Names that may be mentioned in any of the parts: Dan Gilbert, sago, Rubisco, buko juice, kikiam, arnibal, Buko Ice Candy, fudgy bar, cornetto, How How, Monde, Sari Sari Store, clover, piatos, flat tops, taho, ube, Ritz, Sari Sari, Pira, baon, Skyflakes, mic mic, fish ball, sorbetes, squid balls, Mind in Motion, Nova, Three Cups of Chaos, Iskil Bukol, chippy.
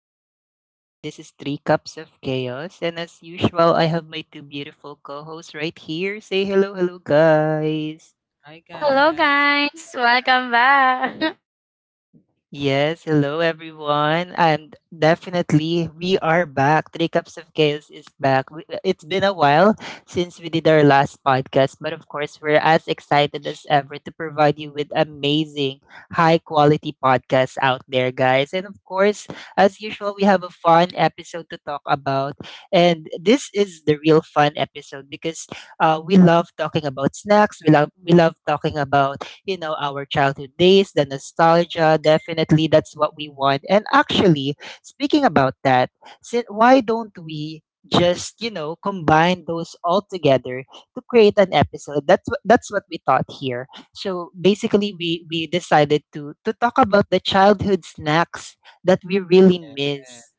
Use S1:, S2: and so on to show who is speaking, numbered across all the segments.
S1: podcast. Once again, this is Three Cups of Chaos, and as usual, I have my two beautiful co-hosts right here. Say hello, hello guys.
S2: Hi guys.
S1: Yes, hello everyone. And definitely we are back. Three Cups of Chaos is back. It's been a while since we did our last podcast, but of course, we're as excited as ever to provide you with amazing, high quality podcasts out there, guys. And of course, as usual, we have a fun episode to talk about. And this is the real fun episode because we love talking about snacks, we love talking about, you know, our childhood days, the nostalgia. Definitely, that's what we want. And actually, speaking about that, why don't we just, you know, combine those all together to create an episode? That's what we thought here. So basically, we decided to talk about the childhood snacks that we really
S2: Yes,
S1: miss.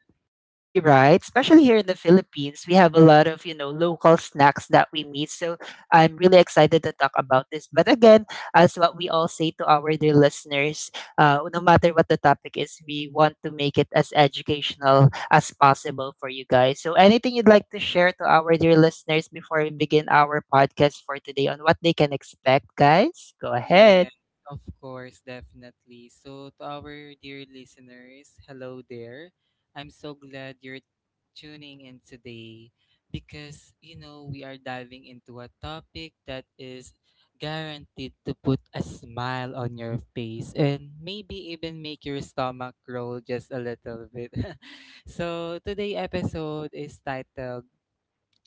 S1: You're right. Especially here in the Philippines, we have a lot of, you know, local snacks that we meet. So I'm really excited to talk about this. But again, as what we all say to our dear listeners, no matter what the topic is, we want to make it as educational as possible for you guys. So anything you'd like to share to our dear listeners before we begin our podcast for today on what they can expect, guys? Go ahead.
S2: yes, of course, definitely. So to our dear listeners, hello there. I'm so glad you're tuning in today because you know we are diving into a topic that is guaranteed to put a smile on your face and maybe even make your stomach roll just a little bit. So today episode is titled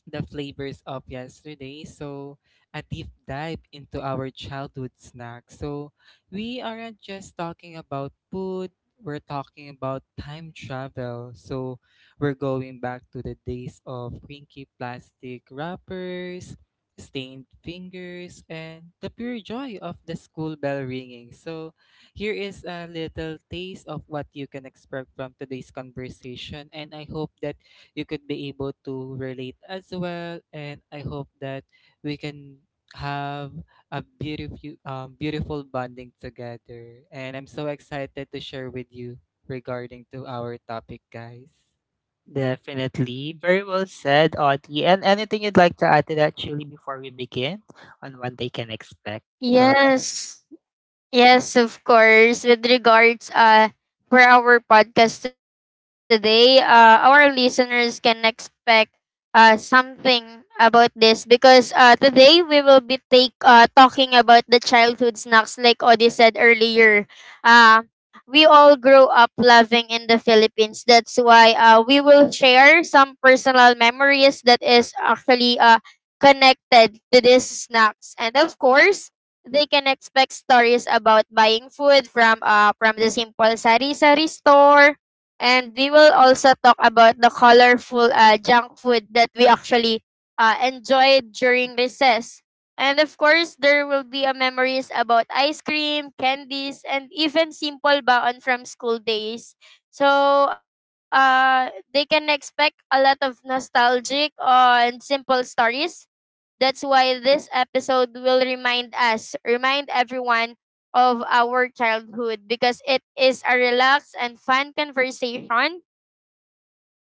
S2: the flavors of yesterday. So, a deep dive into our childhood snacks. So, we aren't just talking about food, we're talking about time travel. So, we're going back to the days of crinkly plastic wrappers, stained fingers, and the pure joy of the school bell ringing. So, here is a little taste of what you can expect from today's conversation, and I hope that you could be able to relate as well. And I hope that we can have a beautiful, beautiful bonding together. And I'm so excited to share with you regarding to our topic, guys.
S1: Definitely. Very well said, Audie. And anything you'd like to add to that, Julie, before we begin on what they can expect? Go ahead.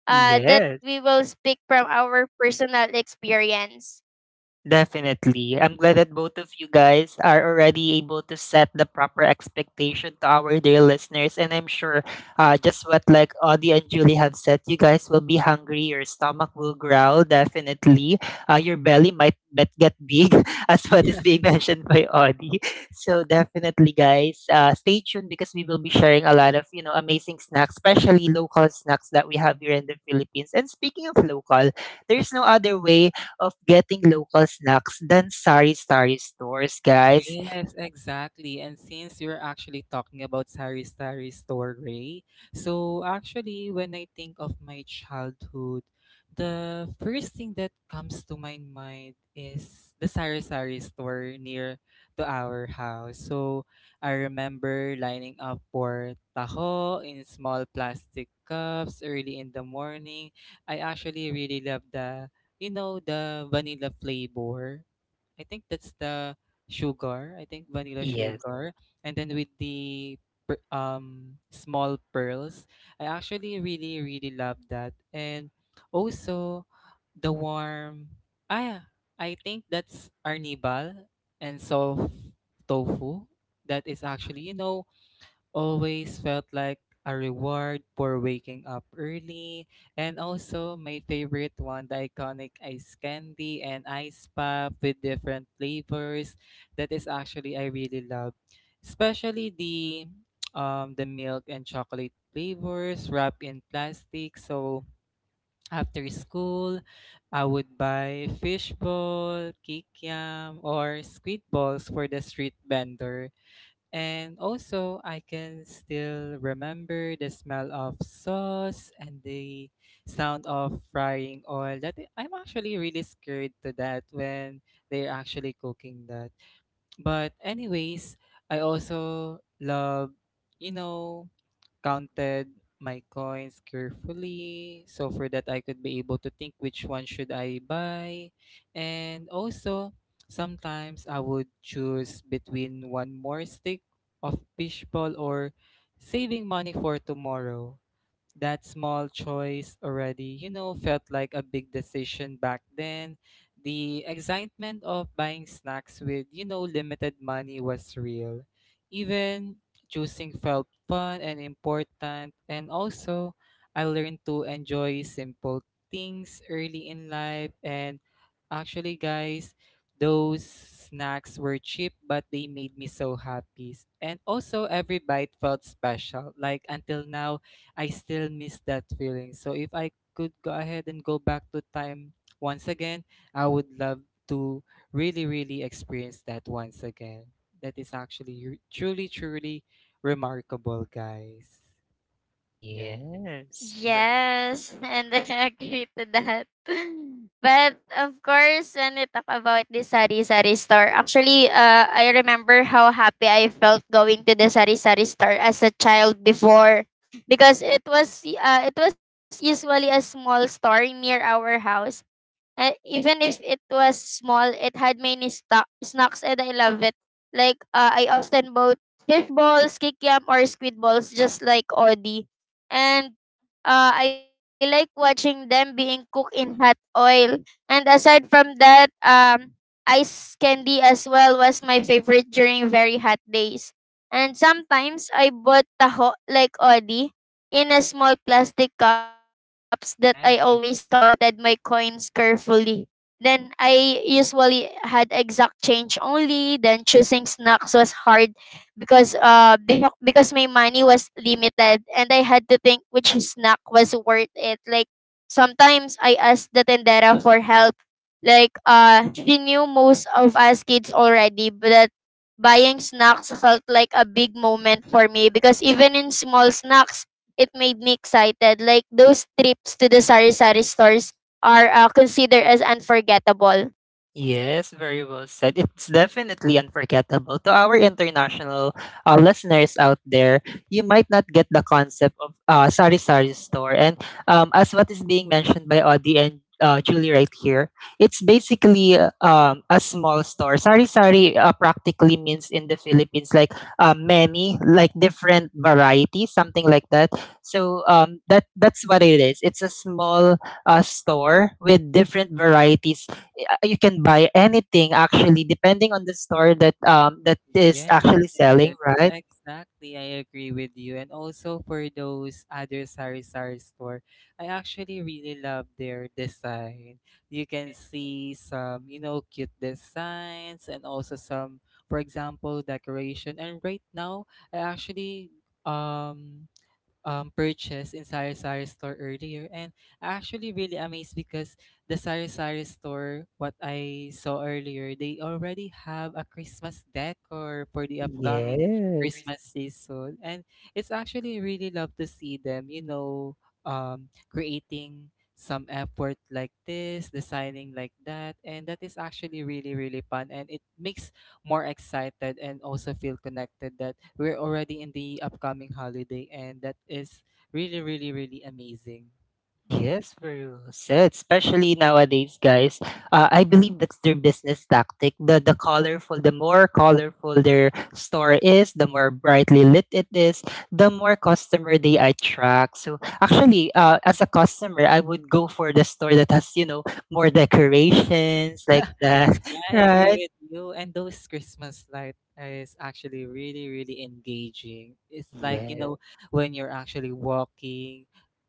S1: Yes. Definitely. I'm glad that both of you guys are already able to set the proper expectation to our dear listeners. And I'm sure, just what like Audie and Julie have said, you guys will be hungry. Your stomach will growl, definitely. Your belly might bet get big, as what is being mentioned by Audie. So definitely, guys, stay tuned because we will be sharing a lot of, you know, amazing snacks, especially local snacks that we have here in the Philippines. And speaking of local, there's no other way of getting local snacks than sari-sari stores, guys.
S2: Yes, exactly. And since you're actually talking about Sari Sari Store, Ray, so actually, when I think of my childhood, the first thing that comes to my mind is the Sari Sari Store near to our house. So I remember lining up for taho in small plastic cups early in the morning. I actually really love the, you know, the vanilla flavor. I think that's the sugar. I think vanilla
S1: Yes.
S2: sugar, and then with the small pearls. I actually really love that, and also the warm. Ah, yeah, I think that's arnibal and soft tofu. That is actually you know always felt like a reward for waking up early. And also, my favorite one, the iconic ice candy and ice pop with different flavors. That is actually I really love, especially the milk and chocolate flavors wrapped in plastic. So after school, I would buy fish ball, kikiam, or squid balls for the street vendor. And also, I can still remember the smell of sauce and the sound of frying oil. That I'm actually really scared to that when they're actually cooking that. But anyways, I also love, you know, counted my coins carefully so for that I could be able to think which one should I buy. And also, sometimes I would choose between one more stick of fishball or saving money for tomorrow. That small choice already, you know, felt like a big decision back then. The excitement of buying snacks with, you know, limited money was real. Even choosing felt fun and important. And also, I learned to enjoy simple things early in life. And actually, guys, those snacks were cheap, but they made me so happy. And also, every bite felt special. Like until now, I still miss that feeling. So if I could go ahead and go back to time once again, I would love to really, really experience that once again. That is actually truly, truly remarkable, guys. Yeah.
S1: Yes.
S2: Yeah.
S1: Yes, very well said. It's definitely unforgettable. To our international listeners out there, you might not get the concept of Sari Sari store. And as what is being mentioned by Audie and Julie right here, it's basically a small store. Sari Sari practically means in the Philippines like, many, like different varieties, something like that. So that's what it is. It's a small store with different varieties. You can buy anything actually depending on the store that that is
S2: Yes,
S1: actually selling, right?
S2: exactly. I agree with you. And also for those other sari sari store, I actually really love their design. You can see some, you know, cute designs and also some, for example, decoration. And right now, I actually um purchase in Sari Sari store earlier, and I actually really amazed because the Sari Sari store, what I saw earlier, they already have a Christmas decor for the upcoming
S1: Yes.
S2: Christmas season, and it's actually really love to see them, you know, creating some effort like this, designing like that, and that is actually really really fun, and it makes more excited and also feel connected that we're already in the upcoming holiday and that is really really really amazing. Yeah.
S1: Yes, very well said. Especially nowadays, guys. I believe that's their business tactic. The colorful, the more colorful their store is, the more brightly lit it is, the more customer they attract. So actually, as a customer, I would go for the store that has, you know, more decorations like that,
S2: Yeah, I agree
S1: right?
S2: with you and those Christmas light is actually really really engaging. It's like you
S1: Yes.
S2: know when you're actually walking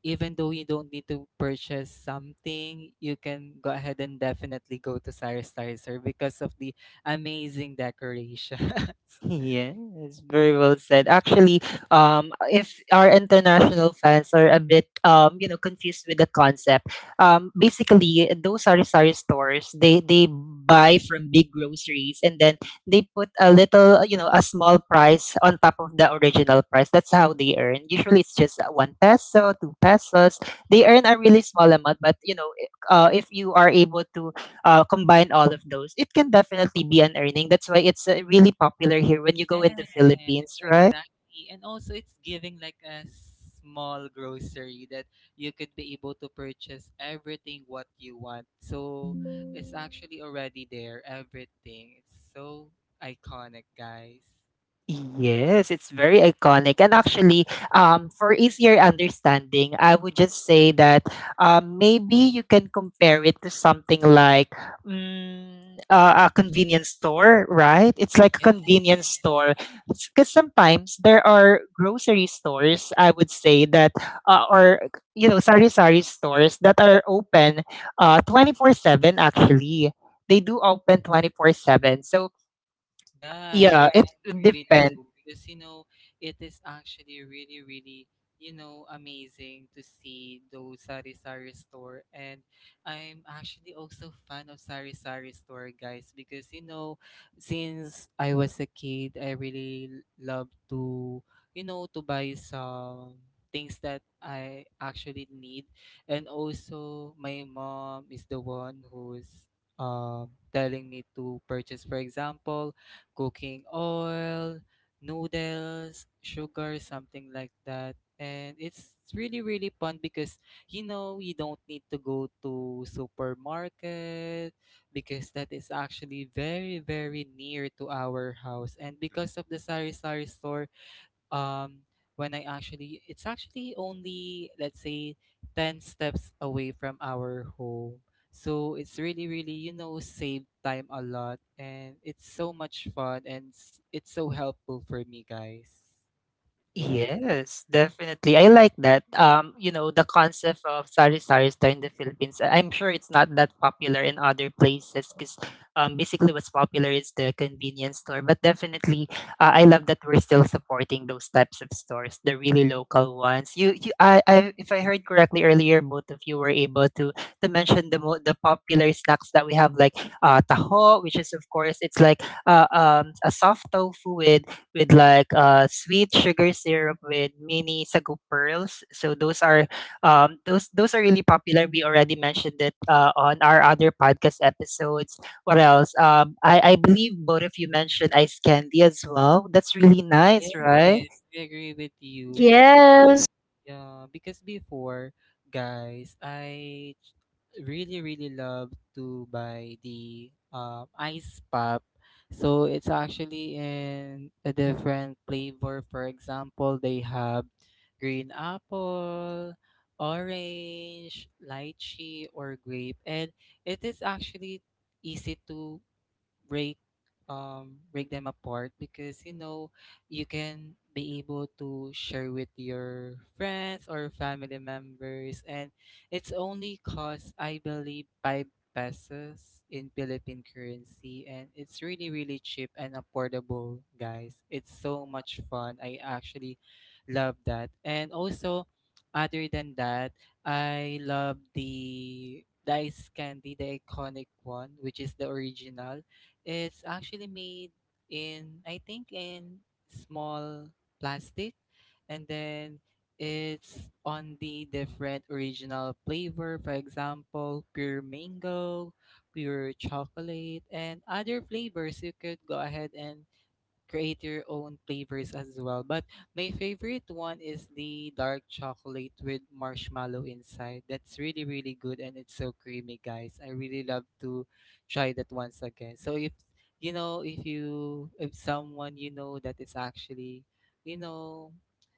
S2: even though you don't need to purchase something you can go ahead and definitely go to Cyrus Tire because of the amazing decorations.
S1: Yeah, it's very well said. Actually, if our international fans are a bit, you know, confused with the concept, basically those sari sari stores they buy from big groceries and then they put a little, you know, a small price on top of the original price. That's how they earn. Usually, it's just one peso, two pesos. They earn a really small amount, but you know, if you are able to combine all of those, it can definitely be an earning. That's why it's really popular here when you go in the
S2: Yes,
S1: Philippines, right?
S2: exactly. And also, it's giving like a small grocery that you could be able to purchase everything what you want. So it's actually already there, everything. It's so iconic, guys.
S1: Yes, it's very iconic. And actually, for easier understanding, I would just say that maybe you can compare it to something like a convenience store, right? It's like a
S2: Yes.
S1: convenience store. Because sometimes there are grocery stores, I would say, that, uh, or, you know, sari-sari stores that are open, 24-7, actually. They do open 24-7. So,
S2: Yeah,
S1: yeah,
S2: I
S1: it
S2: agree with
S1: depends.
S2: you because you know it is actually really, really, you know, amazing to see those sari sari store, and I'm actually also fan of sari sari store guys because you know since I was a kid, I really love to you know to buy some things that I actually need, and also my mom is the one who's telling me to purchase, for example, cooking oil, noodles, sugar, something like that. And it's really, really fun because you know you don't need to go to supermarket because that is actually very, very near to our house. And because of the sari sari store, um when I actually it's actually only let's say 10 steps away from our home. So it's really really you know save time a lot and it's so much fun and it's so helpful for me guys. Yeah.
S1: Yes, definitely. I like that. You know, the concept of sari-sari store in the Philippines, I'm sure it's not that popular in other places because basically what's popular is the convenience store. But definitely, I love that we're still supporting those types of stores, the really local ones. If I heard correctly earlier, both of you were able to mention the popular snacks that we have, like taho, which is of course it's like a soft tofu with like sweet sugar syrup with mini sago pearls. So those are, those are really popular. We already mentioned it on our other podcast episodes. What else? I believe both of you mentioned ice candy as well. That's really nice,
S2: Yes,
S1: right?
S2: I agree with you. Because yeah, because before, guys, really really love to buy the ice pop. So it's actually in a different flavor. For example, they have green apple, orange, lychee, or grape, and it is actually easy to break break them apart because you know you can be able to share with your friends or family members and it's only cost I believe 5 pesos in Philippine currency and it's really really cheap and affordable guys it's so much fun. I actually love that and also other than that I love the ice candy, the iconic one, which is the original. It's actually made in, I think, in small plastic, and then it's on the different original flavor. For example, pure mango, pure chocolate, and other flavors. You could go ahead and create your own flavors as well. But my favorite one is the dark chocolate with marshmallow inside. That's really, really good and it's so creamy, guys. I really love to try that once again. So if you know, if you if someone you know that is actually, you know,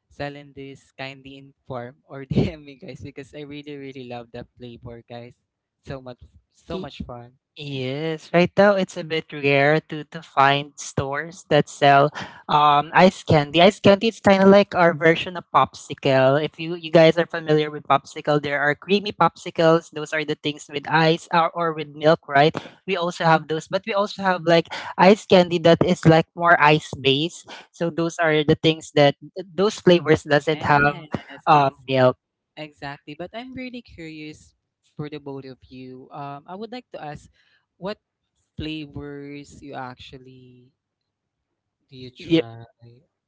S2: selling this kindly inform or DM me guys because I really, really love that flavor, guys. So much so much fun.
S1: Yes, right now it's a bit rare to find stores that sell ice candy. Ice candy is kind of like our version of popsicle. If you guys are familiar with popsicle, there are creamy popsicles. Those are the things with ice, or with milk, right? We also have those, but we also have like ice candy that is like more ice based. So those are the things that those flavors doesn't have
S2: Yes,
S1: milk.
S2: exactly. But I'm really curious for the both of you. I would like to ask what flavors you actually do you
S1: Yeah.
S2: try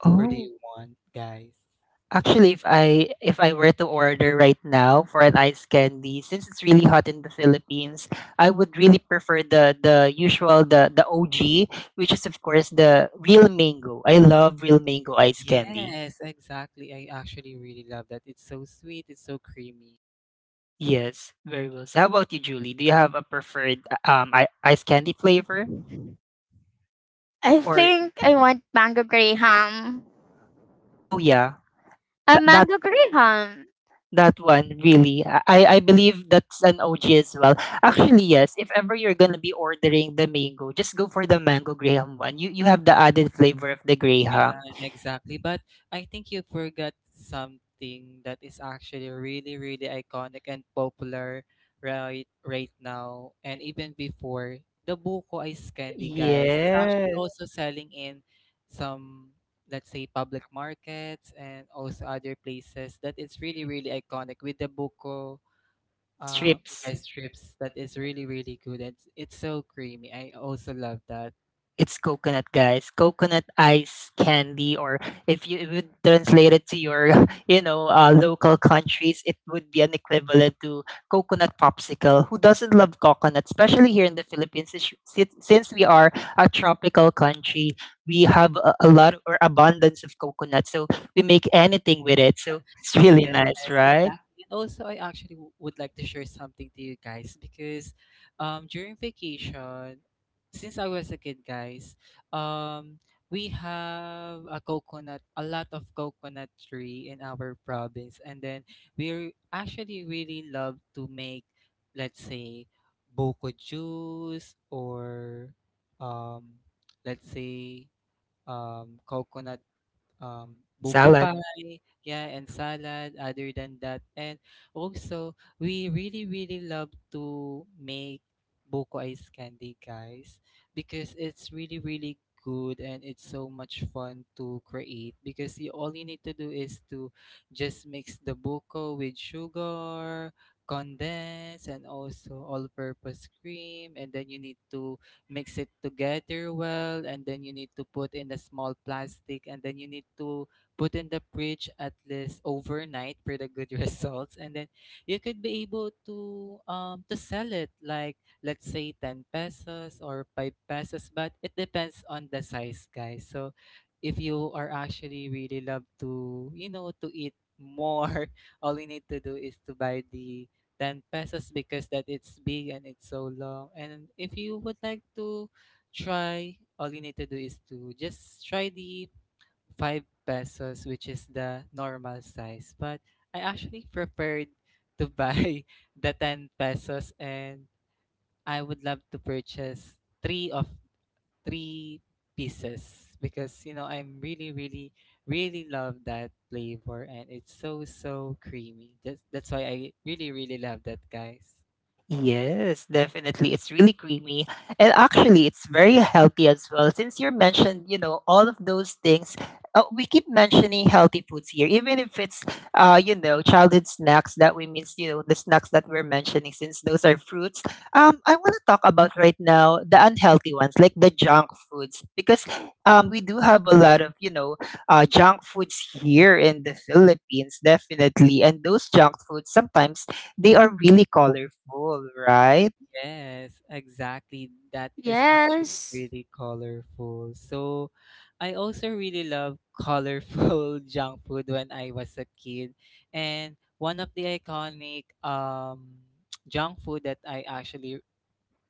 S1: Oh.
S2: or do you want, guys?
S1: Actually, if I were to order right now for an ice candy, since it's really hot in the Philippines, I would really prefer the usual, the OG, which is of course the real mango. I love real mango ice candy.
S2: Yes, exactly. I actually really love that. It's so sweet, it's so creamy.
S1: Yes, very well. So how about you, Julie? Do you have a preferred ice candy flavor or, oh yeah, that? That one, really. I believe that's an OG as well. Actually, yes, if ever you're gonna be ordering the mango, just go for the mango graham one. You have the added flavor of the graham.
S2: Yeah, exactly. But I think you forgot something that is actually really, really iconic and popular right now and even before. The Buko Ice Candy, guys. It's actually
S1: Yes.
S2: also selling in some, let's say, public markets and also other places that it's really, really iconic with the Buko uh
S1: Strips.
S2: rice strips that is really, really good. It's so creamy. I also love that.
S1: It's coconut, guys. Coconut ice candy, or if you would translate it to your, you know, local countries, it would be an equivalent to coconut popsicle. Who doesn't love coconut, especially here in the Philippines? Since we are a tropical country, we have a lot or abundance of coconut, so we make anything with it. So it's really nice,
S2: Yes,
S1: right?
S2: exactly. And also, I actually w- would like to share something to you guys because during vacation, since I was a kid, guys, um, we have a coconut, a lot of coconut tree in our province. And then we actually really love to make, let's say, boko juice or um, let's say, coconut buko
S1: Salad.
S2: pie, yeah, and salad other than that. And also, we really, really love to make buko ice candy, guys, because it's really, really good and it's so much fun to create because you, all you need to do is to just mix the buko with sugar, condense, and also all-purpose cream, and then you need to mix it together well, and then you need to put in the small plastic, and then you need to put in the fridge at least overnight for the good results, and then you could be able to sell it like let's say 10 pesos or five pesos, but it depends on the size, guys. So if you are actually really love to you know to eat more all you need to do is to buy the 10 pesos because that it's big and it's so long. And if you would like to try, all you need to do is to just try the 5 pesos, which is the normal size. But I actually prepared to buy the 10 pesos and I would love to purchase three of three pieces because you know I'm really really love that flavor and it's so so creamy. That's why I really really love that, guys.
S1: Yes, definitely. It's really creamy. And actually, it's very healthy as well. Since you mentioned, you know, all of those things, we keep mentioning healthy foods here, even if it's, you know, childhood snacks that we miss, you know, the snacks that we're mentioning, since those are fruits. I want to talk about right now the unhealthy ones, like the junk foods, because we do have a lot of, you know, junk foods here in the Philippines, definitely. And those junk foods sometimes they are really colorful, right?
S2: Yes, exactly. That is actually really colorful. So, I also really love colorful junk food when I was a kid. And one of the iconic junk food that I actually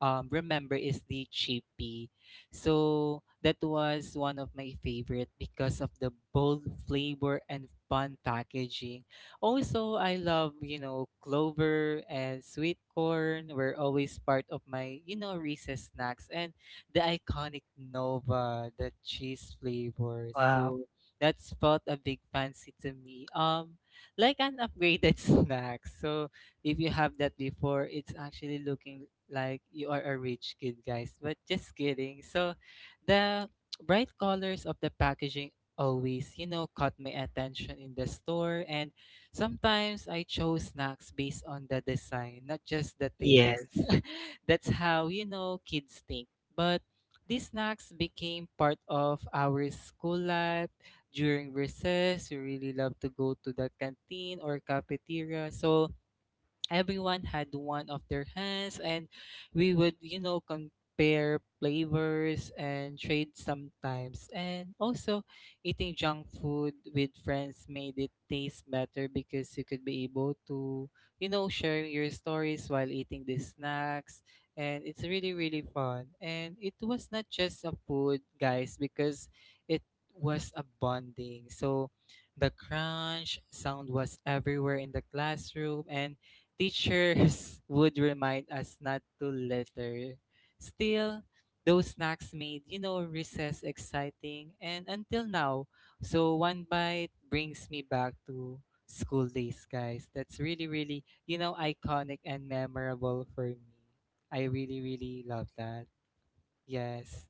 S2: remember is the chippy. So that was one of my favorite because of the bold flavor and fun packaging. Also, I love, you know, clover and sweet corn were always part of my, you know, recess snacks and the iconic Nova, the cheese flavor.
S1: Wow.
S2: So that's felt a big fancy to me. Like an upgraded snack. So if you have that before, it's actually looking like you are a rich kid, guys. But just kidding. So the bright colors of the packaging always, you know, caught my attention in the store, and sometimes I chose snacks based on the design, not just the taste.
S1: Yes.
S2: That's how, you know, kids think. But these snacks became part of our school life. During recess, we really love to go to the canteen or cafeteria. So everyone had one of their hands, and we would, you know, compare flavors and trade sometimes. And also, eating junk food with friends made it taste better because you could be able to, you know, share your stories while eating the snacks, and it's really really fun. And it was not just a food, guys, because it was a bonding. So the crunch sound was everywhere in the classroom, and teachers would remind us not to litter. Still, those snacks made, you know, recess exciting and until now. So one bite brings me back to school days, guys. That's really, really, you know, iconic and memorable for me. I really, really love that. Yes.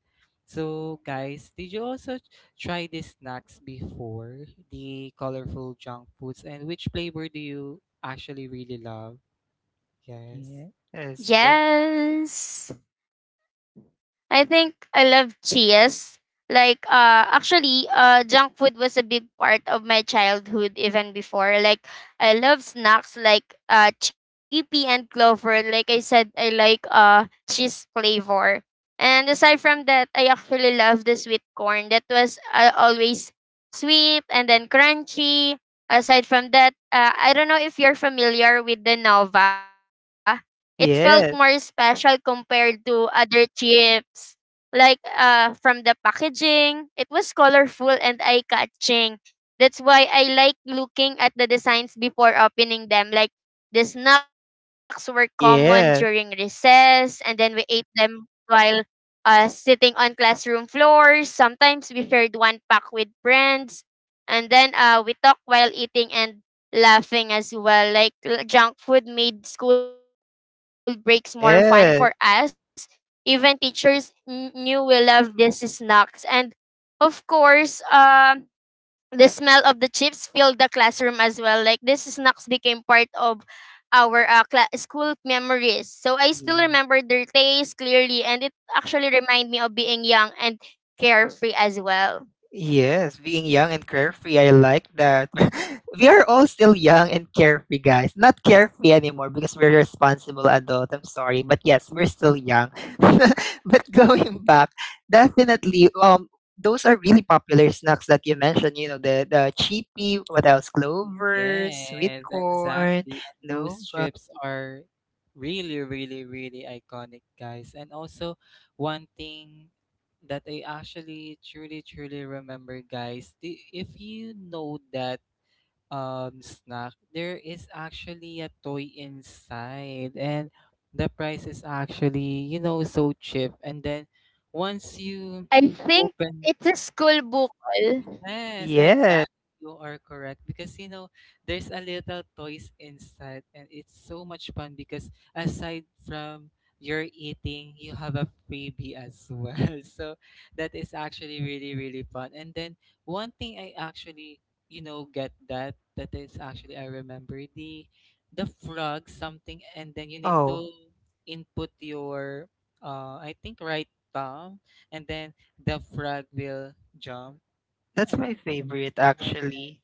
S1: So.
S2: So, guys, did you also t- try these snacks before, the colorful junk foods, and which flavor do you actually really love? Yes.
S1: Yes. Yes. Yes. Yes. Yeah. Yes, being young and carefree, I like that. We are all still young and carefree, guys. Not carefree anymore because we're responsible adult. I'm sorry, but yes, we're still young. But going back, definitely, those are really popular snacks that you mentioned. You know, the cheapy, what else? Clover, sweet
S2: Yes,
S1: corn,
S2: exactly. And those
S1: nova.
S2: trips are really, really, really iconic, guys. And also, one thing that I actually truly, truly remember, guys, the, if you know that snack, there is actually a toy inside, and the price is actually, you know, so cheap. And then once you open. Yes,
S1: Yes.
S2: exactly. You are correct because, you know, there's a little toys inside, and it's so much fun because aside from your eating, you have a freebie as well. So that is actually really really fun. And then one thing I actually, you know, get that is actually I remember the frog something, and then you need to
S1: Oh,
S2: input your I think right thumb, and then the frog will jump,
S1: that's
S2: yeah.
S1: my favorite
S2: Uh,
S1: actually.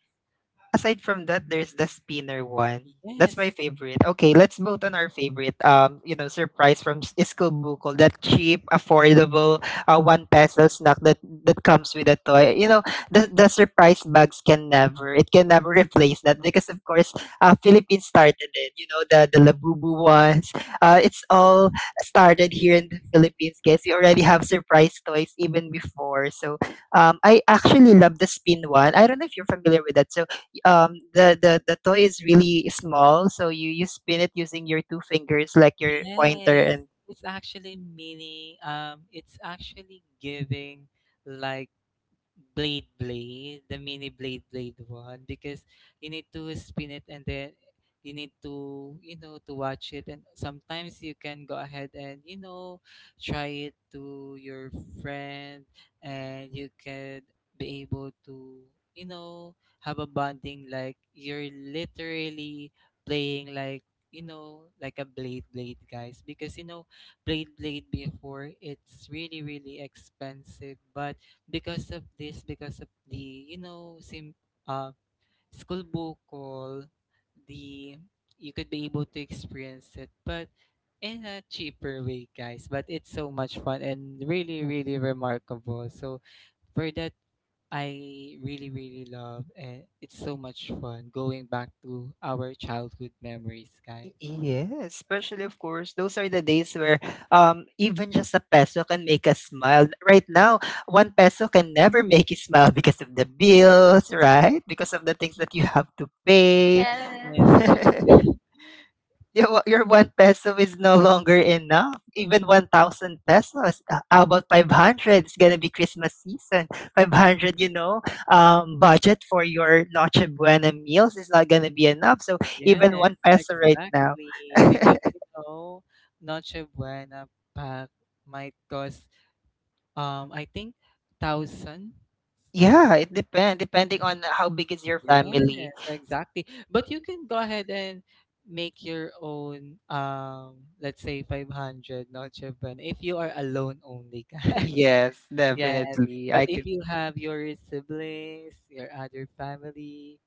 S1: Aside from that, there's the spinner one. That's
S2: yes.
S1: my favorite. Okay, let's vote on our favorite. You know, surprise from Iskil Bukol. That cheap, affordable, one peso snack that that comes with a toy. You know, the surprise bags can never, it can never replace that because of course, Philippines started it. You know, the labubu ones. It's all started here in the Philippines, guys. We already have surprise toys even before. So, I actually love the spin one. I don't know if you're familiar with that. So the toy is really small so you spin it using your two fingers like your pointer
S2: Yes.
S1: and
S2: It's actually meaning, it's actually giving like blade blade, the mini blade blade one because you need to spin it, and then you need to, you know, to watch it. And sometimes you can go ahead and, you know, try it to your friend, and you can be able to, you know, have a bonding like you're literally playing like, you know, like a blade blade, guys, because, you know, blade blade before it's really really expensive. But because of this, because of the, you know, sim uh, school book call, the you could be able to experience it, but in a cheaper way, guys. But it's so much fun and really, really remarkable. So for that, I really, really love, and it's so much fun going back to our childhood memories, guys.
S1: yes, especially of course those are the days where even just a peso can make us smile. Right now, one peso can never make you smile because of the bills, right? Because of the things that you have to pay.
S2: Yes,
S1: Your your 1 peso is no longer enough. Even 1,000 pesos. How about 500? It's gonna be Christmas season. 500, you know, budget for your Noche Buena meals is not gonna be enough. So
S2: yes,
S1: even 1 peso right now.
S2: exactly. Because, you know, Noche Buena pack might cost I think thousand.
S1: Yeah, it depends. Depending on how big is your family.
S2: Yes, exactly. But you can go ahead and make your own let's say 500 Noche Buena if you are alone only. Guys.
S1: Yes,
S2: Yes.
S1: definitely.
S2: But
S1: I
S2: if
S1: can.
S2: you have your siblings, your other family,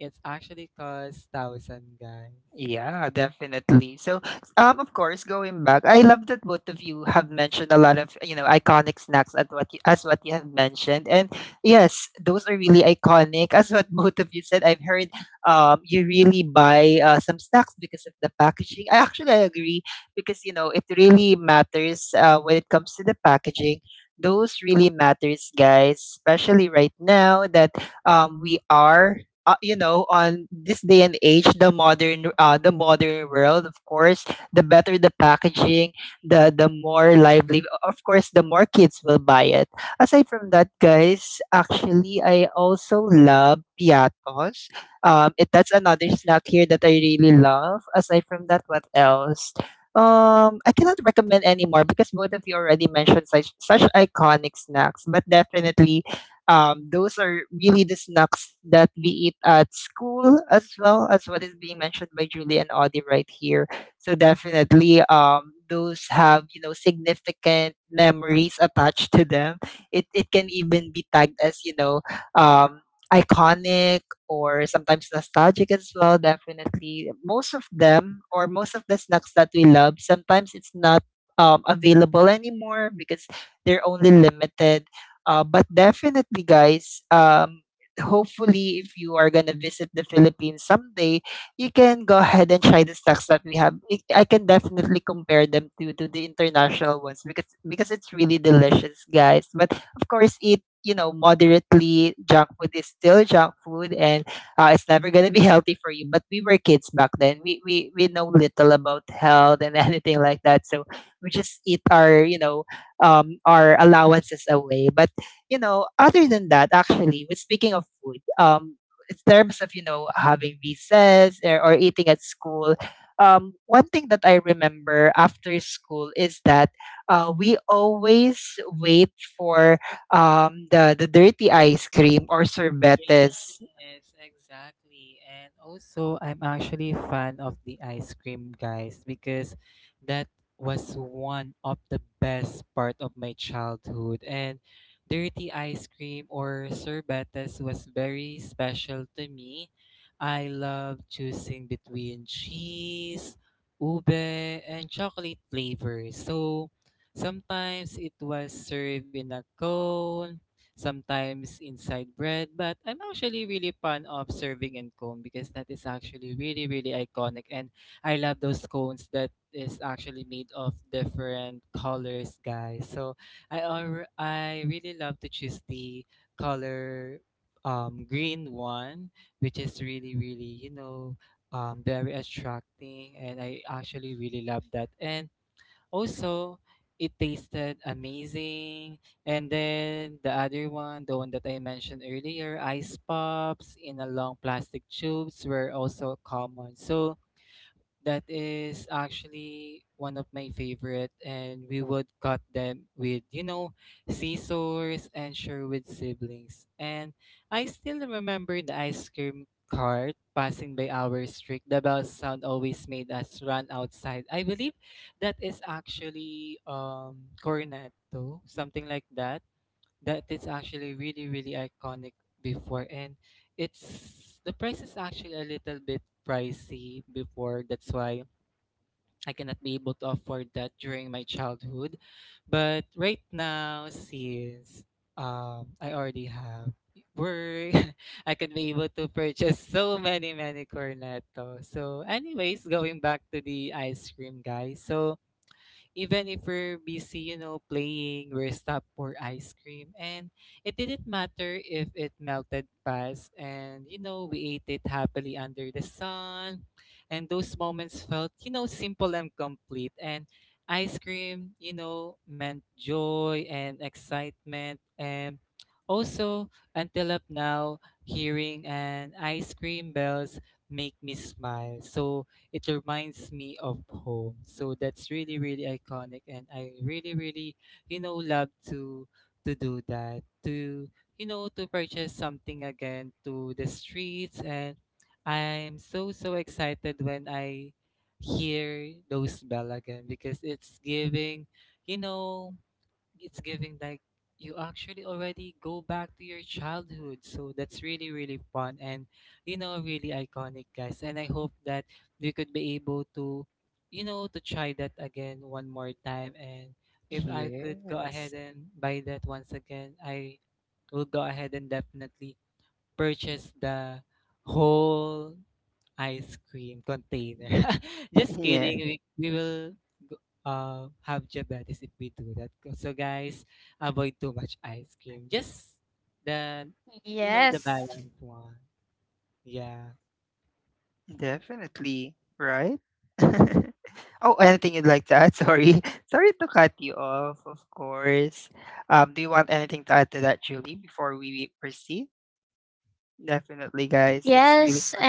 S2: it's actually cost thousand, guys.
S1: Yeah, definitely. So, of course, going back, I love that both of you have mentioned a lot of iconic snacks at what you, as what you have mentioned, and yes, those are really iconic. As what both of you said, I've heard you really buy some snacks because of the packaging. I agree because you know it really matters when it comes to the packaging. Those really matters, guys, especially right now that we are you know on this day and age the modern world. Of course, the better the packaging, the more lively, of course, the more kids will buy it. Aside from that, guys, actually I also love Piatos. That's another snack here that I really love. Aside from that, what else? I cannot recommend anymore because both of you already mentioned such iconic snacks. But definitely, those are really the snacks that we eat at school, as well as what is being mentioned by Julie and Audie right here. So definitely, those have significant memories attached to them. It can even be tagged as um, iconic or sometimes nostalgic as well. Definitely, most of them or most of the snacks that we love, sometimes it's not available anymore because they're only limited. But definitely, guys, hopefully, if you are gonna visit the Philippines someday, you can go ahead and try the stocks that we have. I can definitely compare them to the international ones because it's really delicious, guys. But of course, eat moderately. Junk food is still junk food, and it's never gonna be healthy for you. But we were kids back then. We know little about health and anything like that. So we just eat our our allowances away. But you know, other than that, actually, with speaking of food, in terms of having recess or eating at school, one thing that I remember after school is that we always wait for the dirty ice cream or sorbetes.
S2: Yes, exactly. And also, I'm actually a fan of the ice cream, guys, because that was one of the best part of my childhood. And dirty ice cream or sorbetes was very special to me. I love choosing between cheese, ube, and chocolate flavors. So sometimes it was served in a cone, sometimes inside bread. But I'm actually really fond of serving in cone because that is actually really, really iconic. And I love those cones that is actually made of different colors, guys. So I really love to choose the color green one, which is really, really, you know, very attracting. And I actually really love that. And also, it tasted amazing. And then the other one, the one that I mentioned earlier, ice pops in a long plastic tubes were also common. So that is actually one of my favorite, and we would cut them with, you know, scissors and Sherwood siblings. And I still remember the ice cream cart passing by our street. The bell sound always made us run outside. I believe that is actually cornetto, something like that. That is actually really, really iconic before, and it's the price is actually a little bit pricey before. That's why I cannot be able to afford that during my childhood. But right now, since I already have work, I could be able to purchase so many, many cornetto. So, anyways, going back to the ice cream, guys. So, even if we're busy, you know, playing, we're stopped for ice cream. And it didn't matter if it melted fast. And, you know, we ate it happily under the sun. And those moments felt, you know, simple and complete. And ice cream, you know, meant joy and excitement. And also, until up now, hearing an ice cream bells make me smile. So, it reminds me of home. So that's really, really iconic. And I really, really, you know, love to do that. To, you know, to purchase something again to the streets. And I'm so so excited when I hear those bell again because it's giving, you know, it's giving like you actually already go back to your childhood. So that's really really fun, and, you know, really iconic, guys. And I hope that we could be able to, you know, to try that again one more time. And if I could go ahead
S1: Yes.
S2: and buy that once again, I will go ahead and definitely purchase the whole ice cream container. Just kidding. We will go- have diabetes if we do that. So guys, avoid too much ice cream. Just the, you know, the balanced one. Yeah.
S1: Definitely, right? Oh, anything you'd like to add? Sorry. Sorry to cut you off, of course. Do you want anything to add to that, Julie, before we proceed? Definitely, guys. It's really fun.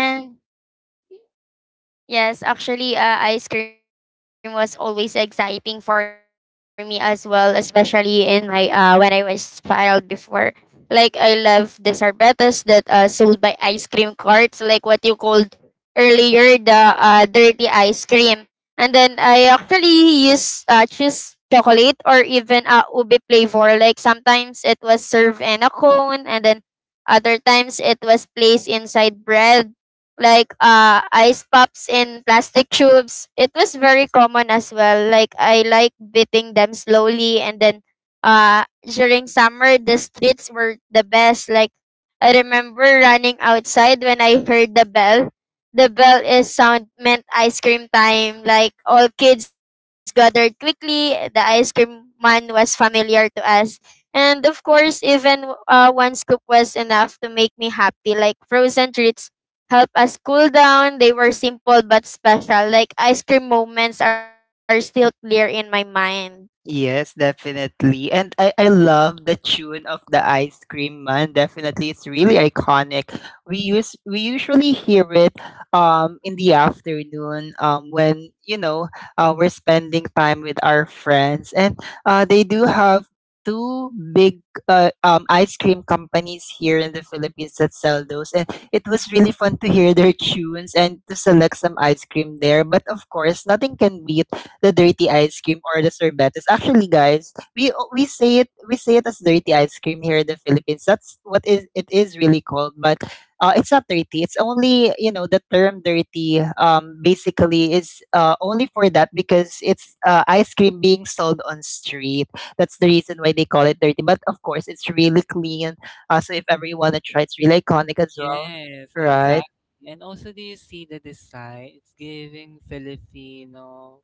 S1: Yes, definitely. And I love the tune of the ice cream man. Definitely. It's really iconic. We usually hear it in the afternoon when you know we're spending time with our friends, and they do have two big ice cream companies here in the Philippines that sell those, and it was really fun to hear their tunes and to select some ice cream there. But of course, nothing can beat the dirty ice cream or the sorbetes. Actually, guys, we say it as dirty ice cream here in the Philippines. That's what is it is really called, but it's not dirty. It's only you know the term dirty. Basically, is only for that because it's ice cream being sold on street. That's the reason why they call it dirty. But of course, it's really clean. So if ever you wanna try, it's really iconic as well,
S2: Yes,
S1: right?
S2: exactly. And also, do you see the design? It's giving Filipino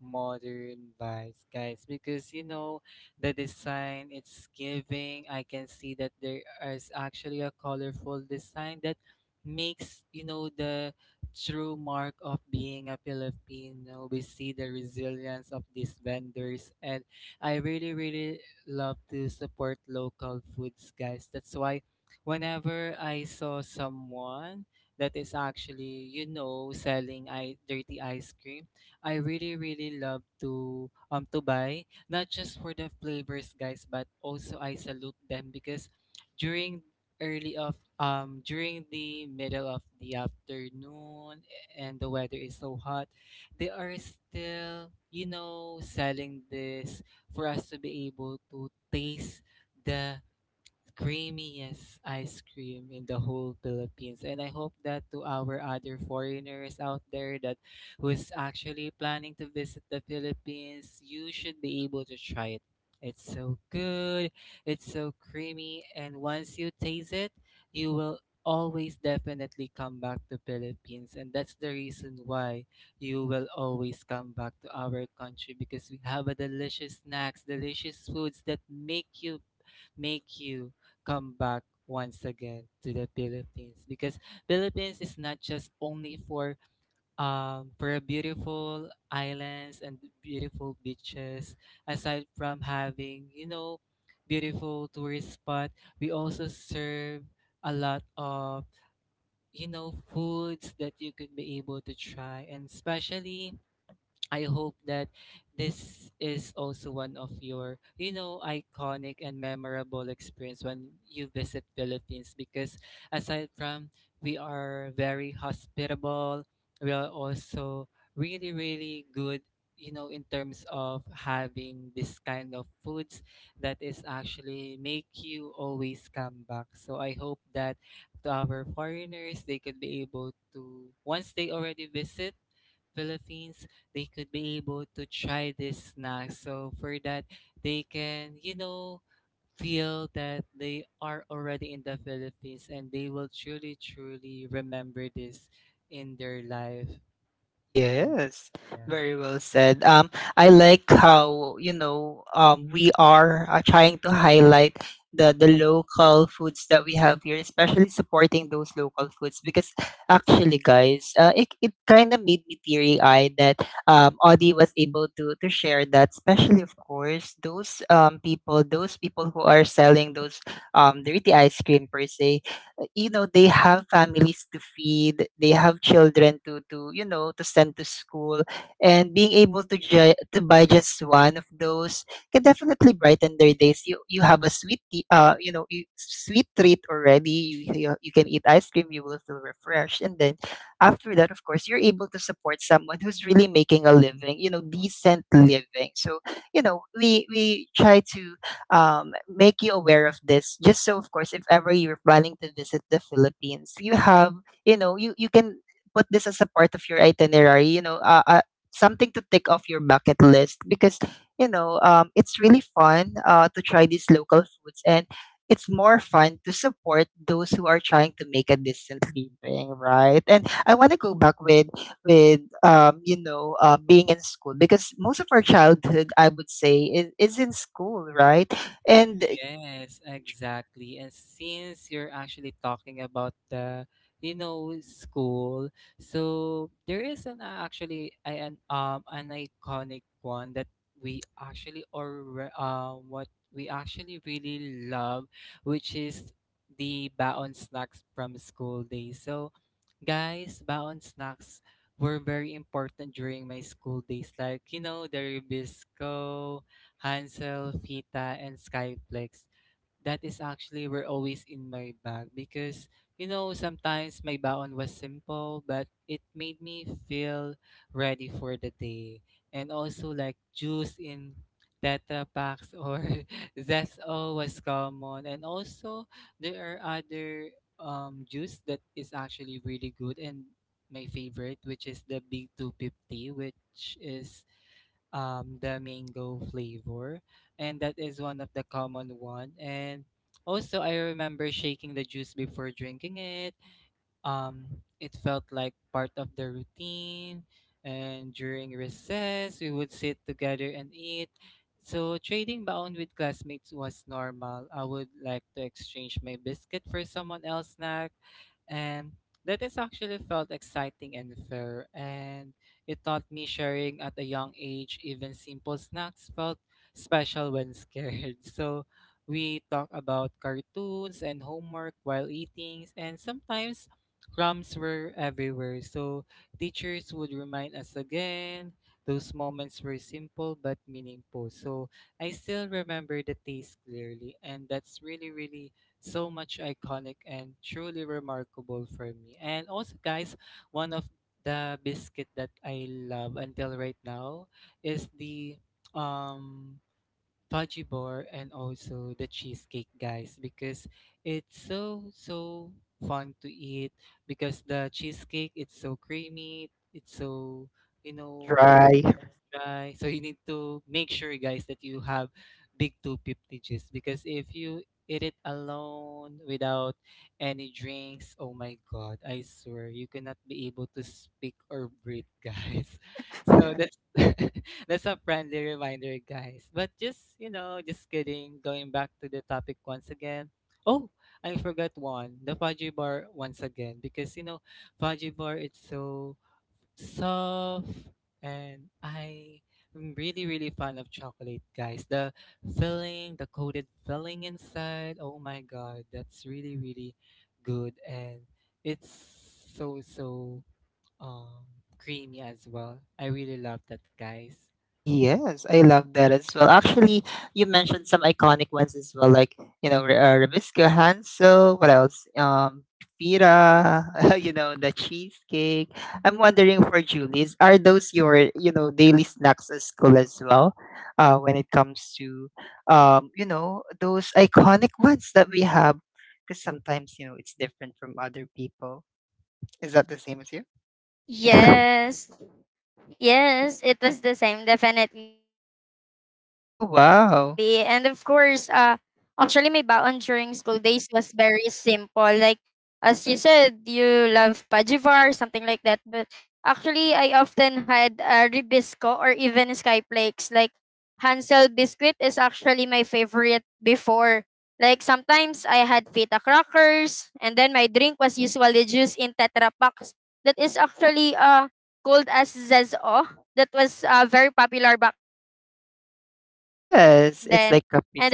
S2: modern vibes, guys, because, you know, the design it's giving. I can see that there is actually a colorful design that makes, you know, the true mark of being a Filipino. We see the resilience of these vendors, and I really, really love to support local foods, guys. That's why whenever I saw someone that is actually, you know, selling I dirty ice cream, I really really love to buy not just for the flavors, guys, but also I salute them because during early of during the middle of the afternoon and the weather is so hot, they are still, you know, selling this for us to be able to taste the creamiest ice cream in the whole Philippines. And I hope that to our other foreigners out there that who's actually planning to visit the Philippines, you should be able to try it. It's so good, it's so creamy, and once you taste it, you will always definitely come back to Philippines. And that's the reason why you will always come back to our country because we have a delicious snacks, delicious foods that make you come back once again to the Philippines. Because Philippines is not just only for a beautiful islands and beautiful beaches. Aside from having, you know, beautiful tourist spot, we also serve a lot of, you know, foods that you could be able to try. And especially I hope that this is also one of your, you know, iconic and memorable experience when you visit Philippines because aside from we are very hospitable, we are also really, really good, you know, in terms of having this kind of foods that is actually make you always come back. So I hope that to our foreigners they could be able to, once they already visit Philippines, they could be able to try this snack. So for that, they can, you know, feel that they are already in the Philippines, and they will truly, truly remember this in their life. In,
S1: Yes,
S2: yeah.
S1: very well said. I like how, you know, we are trying to highlight the local foods that we have here, especially supporting those local foods. Because actually, guys, it kind of made me teary-eyed that Audie was able to share that, especially of course those people, those people who are selling those dirty ice cream per se. You know, they have families to feed, they have children to you know to send to school, and being able to buy just one of those can definitely brighten their days. You have a you know, you sweet treat already, you, you can eat ice cream, you will feel refreshed, and then after that, of course, you're able to support someone who's really making a living, you know, decent living. So you know, we try to make you aware of this, just so of course if ever you're planning to visit the Philippines, you have you know, you can put this as a part of your itinerary, you know, something to tick off your bucket list because you know it's really fun to try these local foods, and it's more fun to support those who are trying to make a decent living, right? And I want to go back with you know being in school, because most of our childhood, I would say, is in school, right? And
S2: Yes, exactly. And since you're actually talking about the, you know, school, so there is an actually I an iconic one that we actually or what we actually really love, which is the baon snacks from school days. So guys, baon snacks were very important during my school days. Like, you know, the Rubisco, Hansel, Fita, and Skyflex that is actually were always in my bag because, you know, sometimes my baon was simple but it made me feel ready for the day. And also like juice in tetra packs or Zest O was common. And also there are other juice that is actually really good, and my favorite which is the b250, which is the mango flavor, and that is one of the common one. And also, I remember shaking the juice before drinking it. um it felt like part of the routine, and during recess we would sit together and eat. So trading baon with classmates was normal. I would like to exchange my biscuit for someone else's snack, and that is actually felt exciting and fair, and it taught me sharing at a young age. Even simple snacks felt special when scared. So we talk about cartoons and homework while eating, and sometimes crumbs were everywhere, so teachers would remind us again. Those moments were simple but meaningful. So I still remember the taste clearly, and that's really, really so much iconic and truly remarkable for me. And also, guys, one of the biscuit that I love until right now is the um fudgy bar and also the cheesecake, guys, because it's so fun to eat because the cheesecake, it's so creamy, it's so you know
S1: dry.
S2: Right. So you need to make sure, guys, that you have big 250 juice because if you eat it alone without any drinks, oh my God, I swear you cannot be able to speak or breathe, guys.
S1: Yeah.
S2: So that's that's a friendly reminder, guys. But just just kidding. Going back to the topic once again. Oh, I forgot one. The fudgy bar once again because fudgy bar. It's so soft, and I am really, really fond of chocolate, guys. The filling, the coated filling inside, oh my god, that's really, really good, and it's so um creamy as well. I really love that, guys.
S1: Yes, I love that as well. Actually, you mentioned some iconic ones as well, like you know, Ribisco Hansel. What else? Pira. You know, the cheesecake. I'm wondering for Julie's, are those your you know daily snacks at school as well? When it comes to you know, those iconic ones that we have, because sometimes you know it's different from other people. Is that the same as you? Oh wow. Yes, it's like a pizza.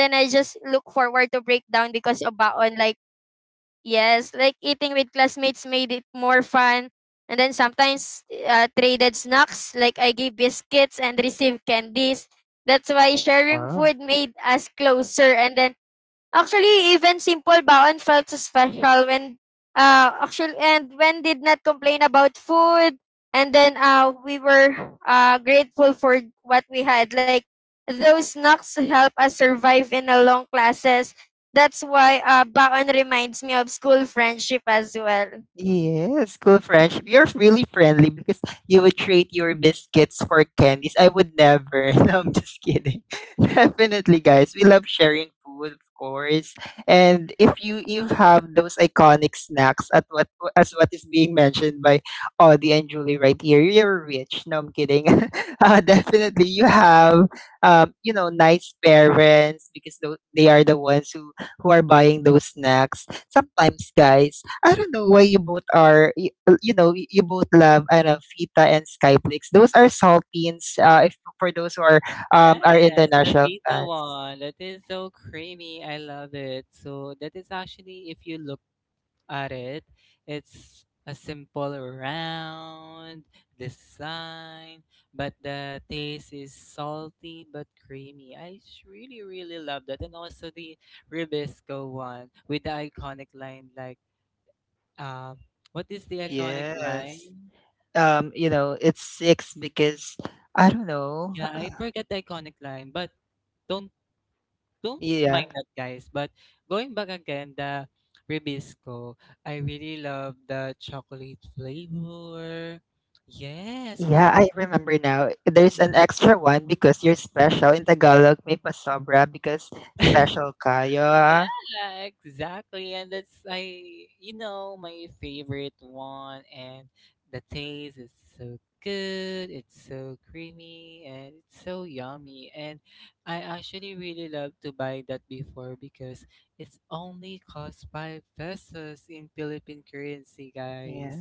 S1: Yes, cool friendship. You're really friendly because you would trade your biscuits for candies. I would never. No, I'm just kidding. Definitely, guys. We love sharing food, of course. And if you have those iconic snacks at what, as what is being mentioned by Audie and Julie right here, you're rich. No, I'm kidding. Definitely, you have you know nice parents because they are the ones who are buying those snacks. Sometimes, guys, I don't know why you both are, you know, you both love, I don't know, Fita and Skyflix. Those are saltines, if, for those who
S2: Yes,
S1: are
S2: the
S1: international
S2: pizza
S1: fans.
S2: one. That is so creamy. I love it. So that is actually if you look at it, it's a simple round design, but the taste is salty but creamy. I really, really love that. And also the Ribisco one with the iconic line, like, um, what is the iconic
S1: Yes.
S2: line?
S1: You know, it's six because, I don't know.
S2: Yeah,
S1: Uh,
S2: I forget the iconic line, but don't don't
S1: yeah.
S2: mind that, guys, but going back again, the Ribisco, I really love the chocolate flavor. Yes.
S1: Yeah,
S2: So
S1: I remember now. There's an extra one because you're special. In Tagalog, may pasobra because special kayo. Ah.
S2: yeah, exactly. And that's, my favorite one, and the taste is so good, it's so creamy, and it's so yummy. And I actually really love to buy that before because it's only cost five pesos in Philippine currency,
S1: Yeah.
S2: guys.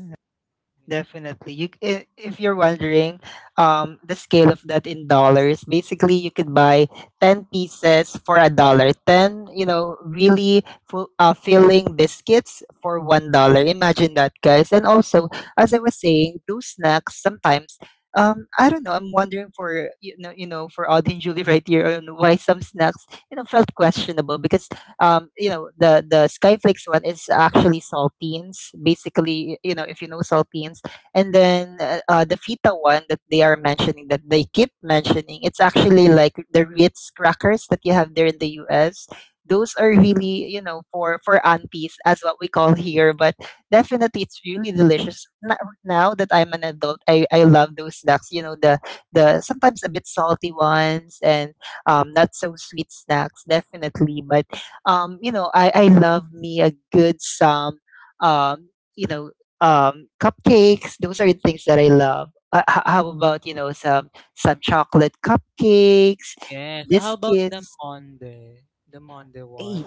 S2: Yeah.
S1: Definitely. You, if you're wondering, the scale of that in dollars, basically you could buy 10 pieces for a dollar. 10, you know, really full, filling biscuits for $1. Imagine that, guys. And also, as I was saying, those snacks sometimes, I don't know, I'm wondering for, you know, for Audie and Julie right here on why some snacks, you know, felt questionable because you know, the Skyflakes one is actually saltines. Basically, you know, if you know saltines, and then the fita one that they are mentioning, that they keep mentioning, it's actually like the Ritz crackers that you have there in the US. Those are really, you know, for aunties as what we call here, but definitely it's really delicious. Now that I'm an adult, I love those snacks. You know, the sometimes a bit salty ones, and not so sweet snacks, definitely. But you know, I love me a good some um, you know, cupcakes. Those are the things that I love. How about you know some chocolate cupcakes,
S2: Yes. How about the
S1: biscuits?
S2: Monde? The Monde one.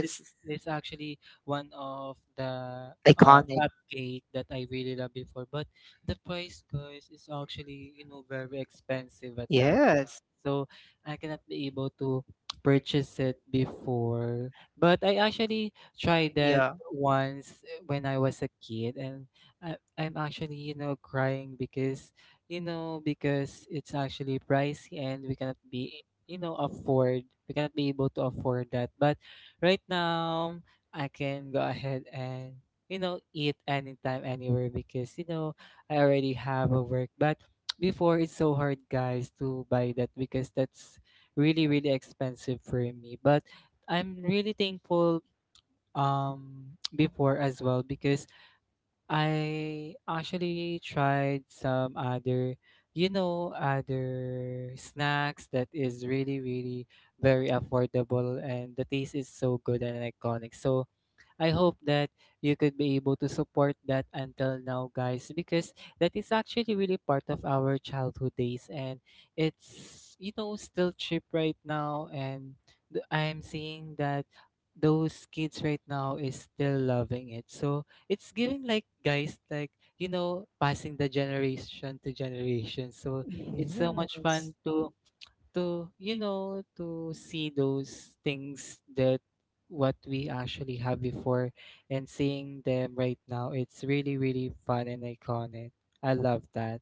S2: It's, it's actually one of the
S1: iconic.
S2: cupcake that I really love before. But the price, guys, is actually, you know, very expensive at that.
S1: Yes,
S2: So I cannot be able to purchase it before. But I actually tried that
S1: yeah,
S2: once when I was a kid, and I'm actually, you know, crying because you know, because it's actually pricey, and we cannot be, you know, afford, we cannot be able to afford that. But right now, I can go ahead and, you know, eat anytime, anywhere because, you know, I already have a work. But before, it's so hard, guys, to buy that because that's really, really expensive for me. But I'm really thankful before as well because I actually tried some other, you know, other snacks that is really, really very affordable, and the taste is so good and iconic. So I hope that you could be able to support that until now, guys, because that is actually really part of our childhood days, and it's, you know, still cheap right now, and I'm seeing that those kids right now is still loving it. So it's giving like, guys, like you know passing the generation to generation. So it's so much
S1: yes.
S2: fun to to see those things that what we actually have before, and seeing them right now, it's really, really fun and iconic. I love that.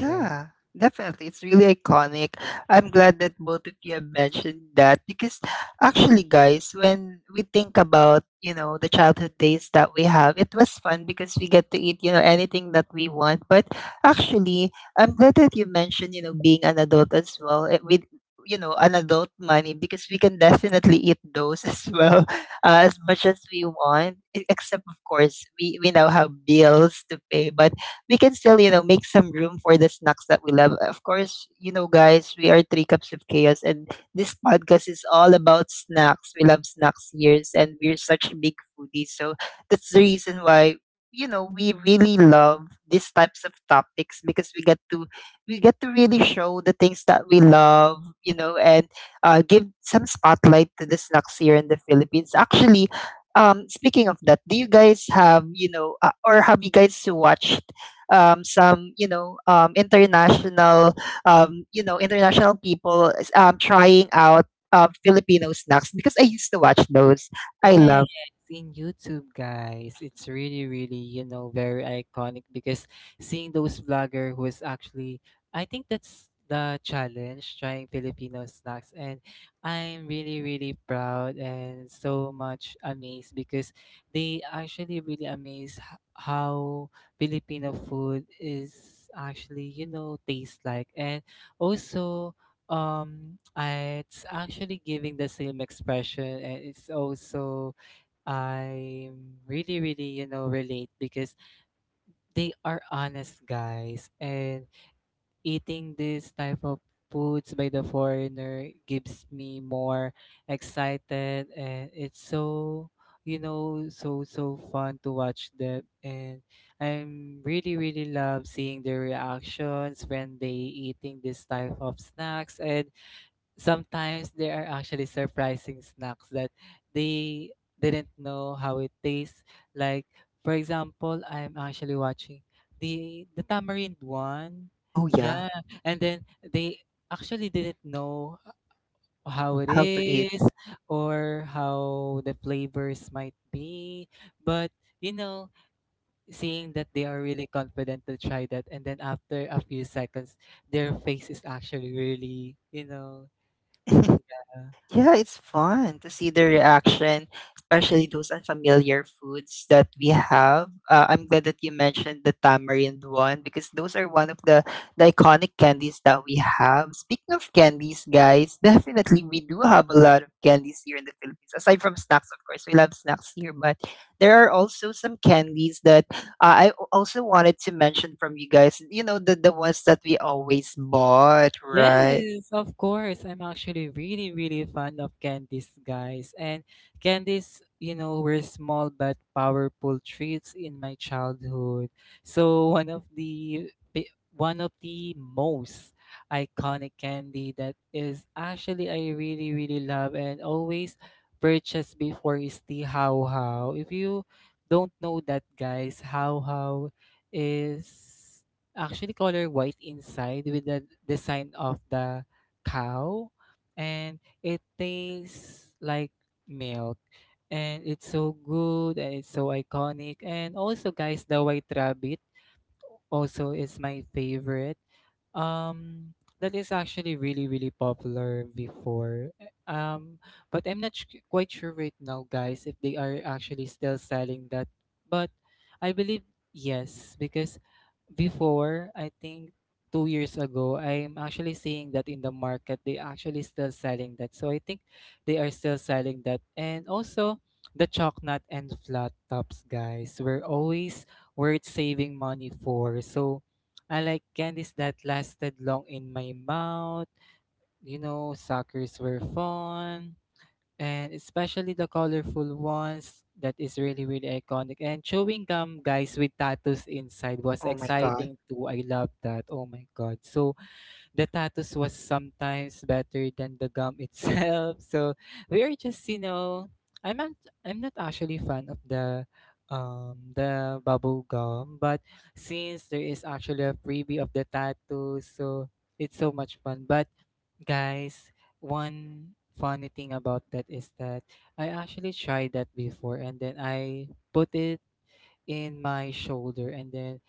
S2: Yeah.
S1: definitely. It's really iconic. I'm glad that both of you have mentioned that because actually, guys, when we think about, you know, the childhood days that we have, it was fun because we get to eat, you know, anything that we want. But actually, I'm glad that you mentioned, you know, being an adult as well, eh, with, you know, an adult money because we can definitely eat those as well as much as we want, except, of course, we now have bills to pay. But we can still, you know, make some room for the snacks that we love. Of course, you know, guys, we are Three Cups of Chaos, and this podcast is all about snacks. We love snacks here, and we're such big foodies. So that's the reason why you know we really love these types of topics because we get to really show the things that we love, you know. And give some spotlight to the snacks here in the Philippines. Actually, um, speaking of that, do you guys have you know or have you guys watched some you know international you know international people trying out Filipino snacks because I used to watch those. I
S2: Yes,
S1: love.
S2: in YouTube, guys, it's really, really, you know, very iconic because seeing those vlogger who is actually, I think that's the challenge, trying Filipino snacks, and I'm really, really proud and so much amazed because they actually really amazed how Filipino food is actually, you know, tastes like, and also it's actually giving the same expression, and it's also I really, really, you know, relate because they are honest, guys, and eating this type of foods by the foreigner gives me more excited, and it's so you know so fun to watch them, and I'm really, really love seeing their reactions when they eating this type of snacks. And sometimes there are actually surprising snacks that they didn't know how it tastes. Like for example, I'm actually watching the tamarind one.
S1: Oh yeah,
S2: Yeah, and then they actually didn't know how it
S1: how to
S2: is or how the flavors might be, but you know, seeing that they are really confident to try that, and then after a few seconds their face is actually really, you know,
S1: eat.
S2: yeah.
S1: Yeah, it's fun to see the reaction, especially those unfamiliar foods that we have. I'm glad that you mentioned the tamarind one because those are one of the iconic candies that we have. Speaking of candies, guys, definitely we do have a lot of candies here in the Philippines. Aside from snacks, of course, we love snacks here, but there are also some candies that I also wanted to mention from you guys. You know, the ones that we always bought, right?
S2: Yes, of course. I'm actually really, really fond of candies, guys. And candies, you know, were small but powerful treats in my childhood. So one of the one of the most iconic candy that is actually I really, really love and always purchase before is the How How. If you don't know that, guys, How is actually color white inside with the design of the cow, and it tastes like milk, and it's so good and it's so iconic. And also, guys, the white rabbit also is my favorite, um that is actually really, really popular before, um but I'm not sh- quite sure right now, guys, if they are actually still selling that, but I believe yes because before, I think two years ago, I'm actually seeing that in the market, they actually still selling that. So I think they are still selling that. And also the chalk nut and flat tops, guys, were always worth saving money for. So I like candies that lasted long in my mouth. You know, suckers were fun, and especially the colorful ones that is really, really iconic. And chewing gum, guys, with tattoos inside was
S1: Oh my God.
S2: exciting too. I love that, oh my god. So the tattoos was sometimes better than the gum itself. So we are just you know i'm not I'm not actually fan of the bubble gum, but since there is actually a freebie of the tattoo, so it's so much fun. But guys, one funny thing about that is that I actually tried that before, and then I put it in my shoulder, and then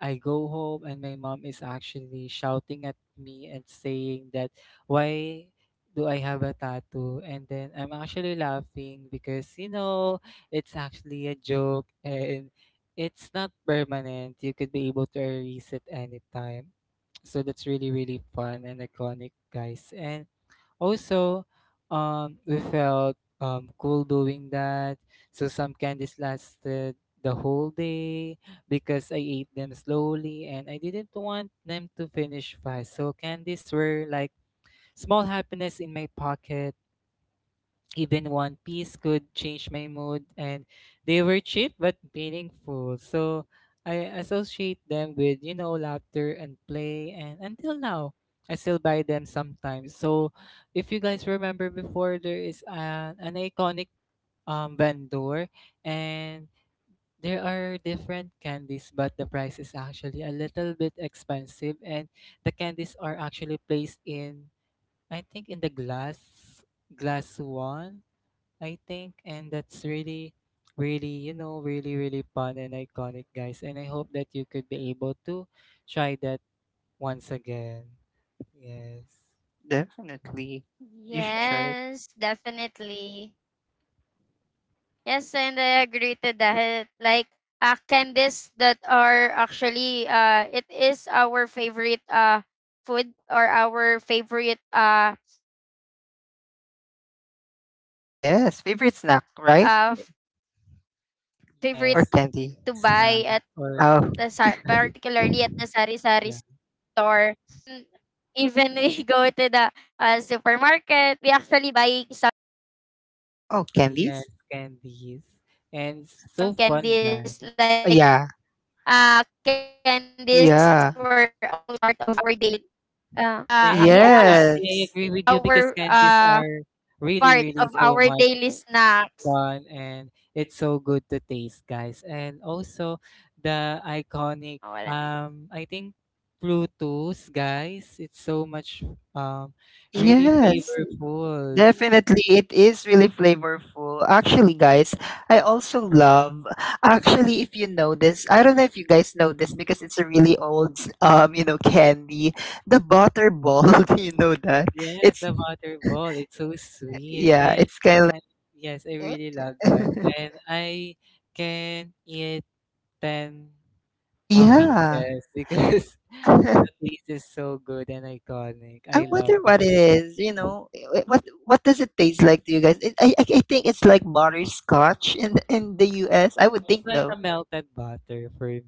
S2: I go home, and my mom is actually shouting at me and saying that why do I have a tattoo? And then I'm actually laughing because you know it's actually a joke, and it's not permanent. You could be able to erase it anytime. So that's really, really fun and iconic, guys. And also, we felt cool doing that. So some candies lasted the whole day because I ate them slowly, and I didn't want them to finish fast. So candies were like small happiness in my pocket. Even one piece could change my mood, and they were cheap but meaningful. So I associate them with, you know, laughter and play. And until now, I still buy them sometimes. So if you guys remember before, there is an iconic vendor, and there are different candies, but the price is actually a little bit expensive. And the candies are actually placed in, I think, in the glass one, I think, and that's really, really, you know, really, really fun and iconic, guys. And I hope that you could be able to try that once again. Yes.
S1: Definitely. You should try it. Yes, favorite snack, right? Or
S2: Yes,
S1: candy?
S2: snack or
S1: Oh,
S2: yeah.
S1: oh,
S2: Yes,
S1: candies?
S2: candies. And it's so fun, guys.
S1: Oh, yeah, yeah.
S2: Yes, exactly. I
S1: Yes.
S2: agree with you because candies are really, really so much one, and it's so good to taste, guys. And also the iconic, I think Bluetooth, guys. It's so much, um really
S1: Yes.
S2: flavorful.
S1: Definitely, it is really flavorful. Actually, guys, I also love. Actually, if you know this, I don't know if you guys know this because it's a really old, you know, candy. The butter ball, do you know that?
S2: Yes,
S1: It's
S2: the butterball. It's so sweet,
S1: yeah,
S2: and
S1: it's kind of
S2: I, yes, I really love that.
S1: like
S2: And I can eat ten
S1: Yeah.
S2: pieces because the taste is so good and iconic.
S1: I
S2: I love
S1: wonder what
S2: that.
S1: it is. You know, eh, eh, what does it taste like to you guys? It, I think it's like butterscotch in in the US. I would
S2: It's
S1: think
S2: like
S1: though.
S2: a melted butter for me.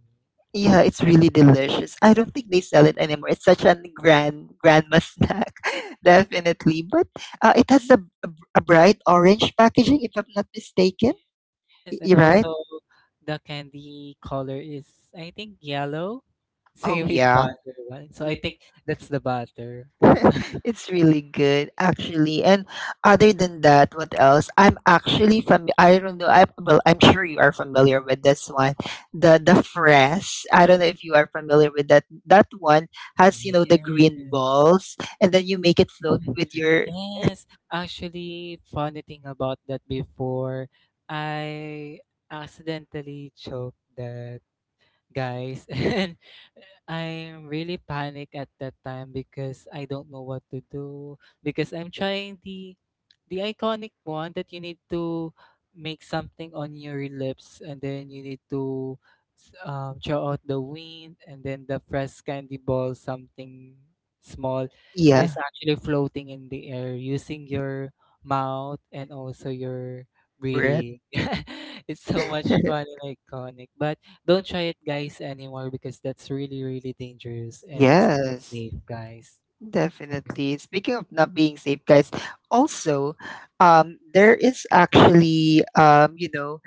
S1: Yeah, it's really delicious. I don't think they sell it anymore. It's such a grandma snack, definitely. But it has a bright orange packaging, if I'm not mistaken.
S2: Yes, and
S1: You're right.
S2: also the candy color is I think yellow.
S1: Oh
S2: Same with
S1: yeah.
S2: butter, right? So I think that's the butter.
S1: It's really good actually. And other than that, what else? I'm actually I don't know. I, well, I'm sure you are familiar with this one, the fresh. I don't know if you are familiar with that. That one has you know the
S2: Yeah.
S1: green balls, and then you make it float with your
S2: Yes. Actually, funny thing about that before, I accidentally choked that, guys, and I'm really panic at that time because I don't know what to do because I'm trying the iconic one that you need to make something on your lips, and then you need to throw out the wind, and then the fresh candy ball, something small,
S1: yeah
S2: is actually floating in the air using your mouth and also your
S1: breath.
S2: breathing. It's so much fun and iconic, but don't try it, guys, anymore because that's really, really dangerous, and it's not
S1: Yes.
S2: safe, guys. Yeah.
S1: Definitely. Speaking of not being safe, guys, also, there is actually, you know,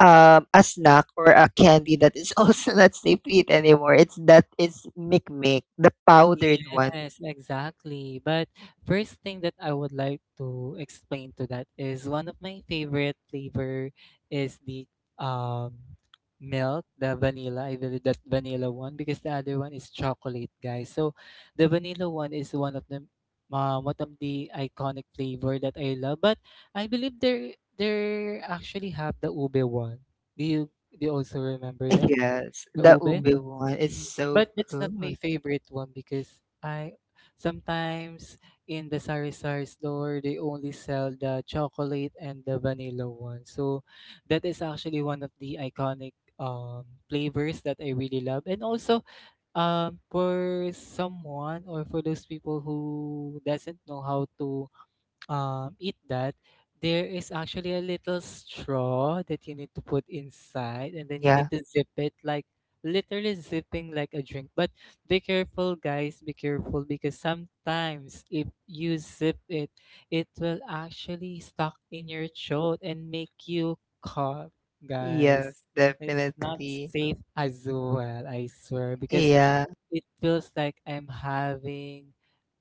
S1: a snack or a candy that is also not safe to eat anymore. It's that is mic mic, the powdered one.
S2: Yes, exactly. But first thing that I would like to explain to that is one of my favorite flavor is the um milk, the vanilla. I believe that vanilla one because the other one is chocolate, guys. So the vanilla one is one of the iconic flavor that I love. But I believe they actually have the ube one. Do you do you also remember that,
S1: Yes,
S2: the
S1: the ube
S2: ube?
S1: mm one. It's
S2: Mm.
S1: so
S2: But that's not my
S1: good.
S2: favorite one because I sometimes in the Sari Sari store they only sell the chocolate and the vanilla one. So that is actually one of the iconic flavors that I really love. And also for someone or for those people who doesn't know how to eat that, there is actually a little straw that you need to put inside, and then you need
S1: Yeah.
S2: to zip it like literally zipping like a drink. But be careful, guys, be careful because sometimes if you zip it, it will actually stuck in your throat and make you cough, guys.
S1: Yes,
S2: It's not
S1: definitely.
S2: safe as well, I swear, because
S1: Yeah.
S2: it feels like I'm having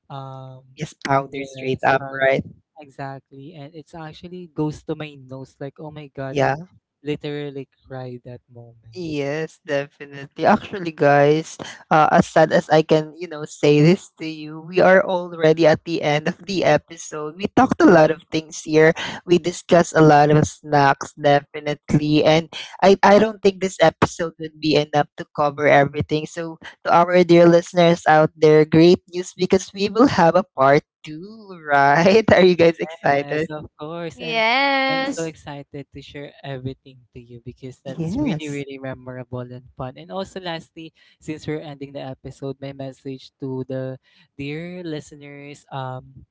S2: um,
S1: Yes, powder
S2: yes,
S1: straight up,
S2: but
S1: right?
S2: exactly. And it's actually goes to my nose, like, oh my God,
S1: Yeah.
S2: I'm literally cried that moment.
S1: Yes, definitely. Actually, guys, as sad as I can, you know, say this to you, we are already at the end of the episode. We talked a lot of things here. We discussed a lot of snacks, definitely. And I don't think this episode would be enough to cover everything. So, to our dear listeners out there, great news because we will have a part two, right? Are you guys
S2: Yes,
S1: excited?
S2: of course. And I'm so
S3: Yes.
S2: excited to share everything to you because that's really,
S1: Yes.
S2: really memorable and fun. And also, lastly, since we're ending the episode, my message to the dear listeners,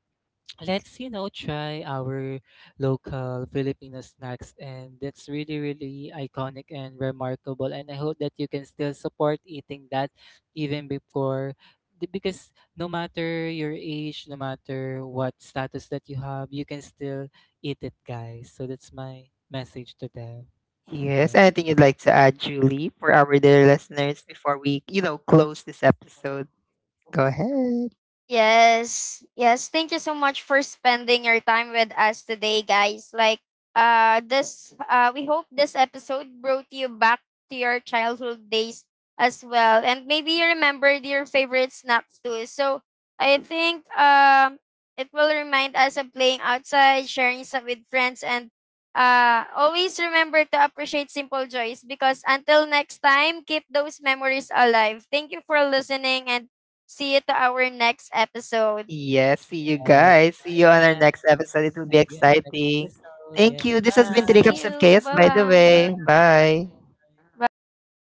S2: let's you know try our local Filipino snacks, and that's really, really iconic and remarkable, and I hope that you can still support eating that even before because no matter your age, no matter what status that you have, you can still eat it, guys. So that's my message to them.
S1: Yes.
S2: Yeah.
S1: Anything you'd like to add, Julie, for our dear listeners before we, you know, close this episode? Go ahead.
S3: Yes. Yes. Thank you so much for spending your time with us today, guys. Like this We hope this episode brought you back to your childhood days as well. And maybe you remembered your favorite snacks too. So I think it will remind us of playing outside, sharing some with friends, and always remember to appreciate simple joys, because until next time, keep those memories alive. Thank you for listening, and see you to our next episode.
S1: Yes. See you
S2: Yes,
S1: guys. See you on our
S2: and
S1: next episode.
S2: see
S1: It will be
S2: next
S1: exciting.
S2: episode.
S1: Thank
S2: Yes,
S1: you. This has been Three
S2: bye,
S1: Cups
S3: See
S1: of
S3: you.
S1: Chaos, by the
S3: Bye-bye.
S1: way.
S2: bye.
S1: Bye.
S3: Bye.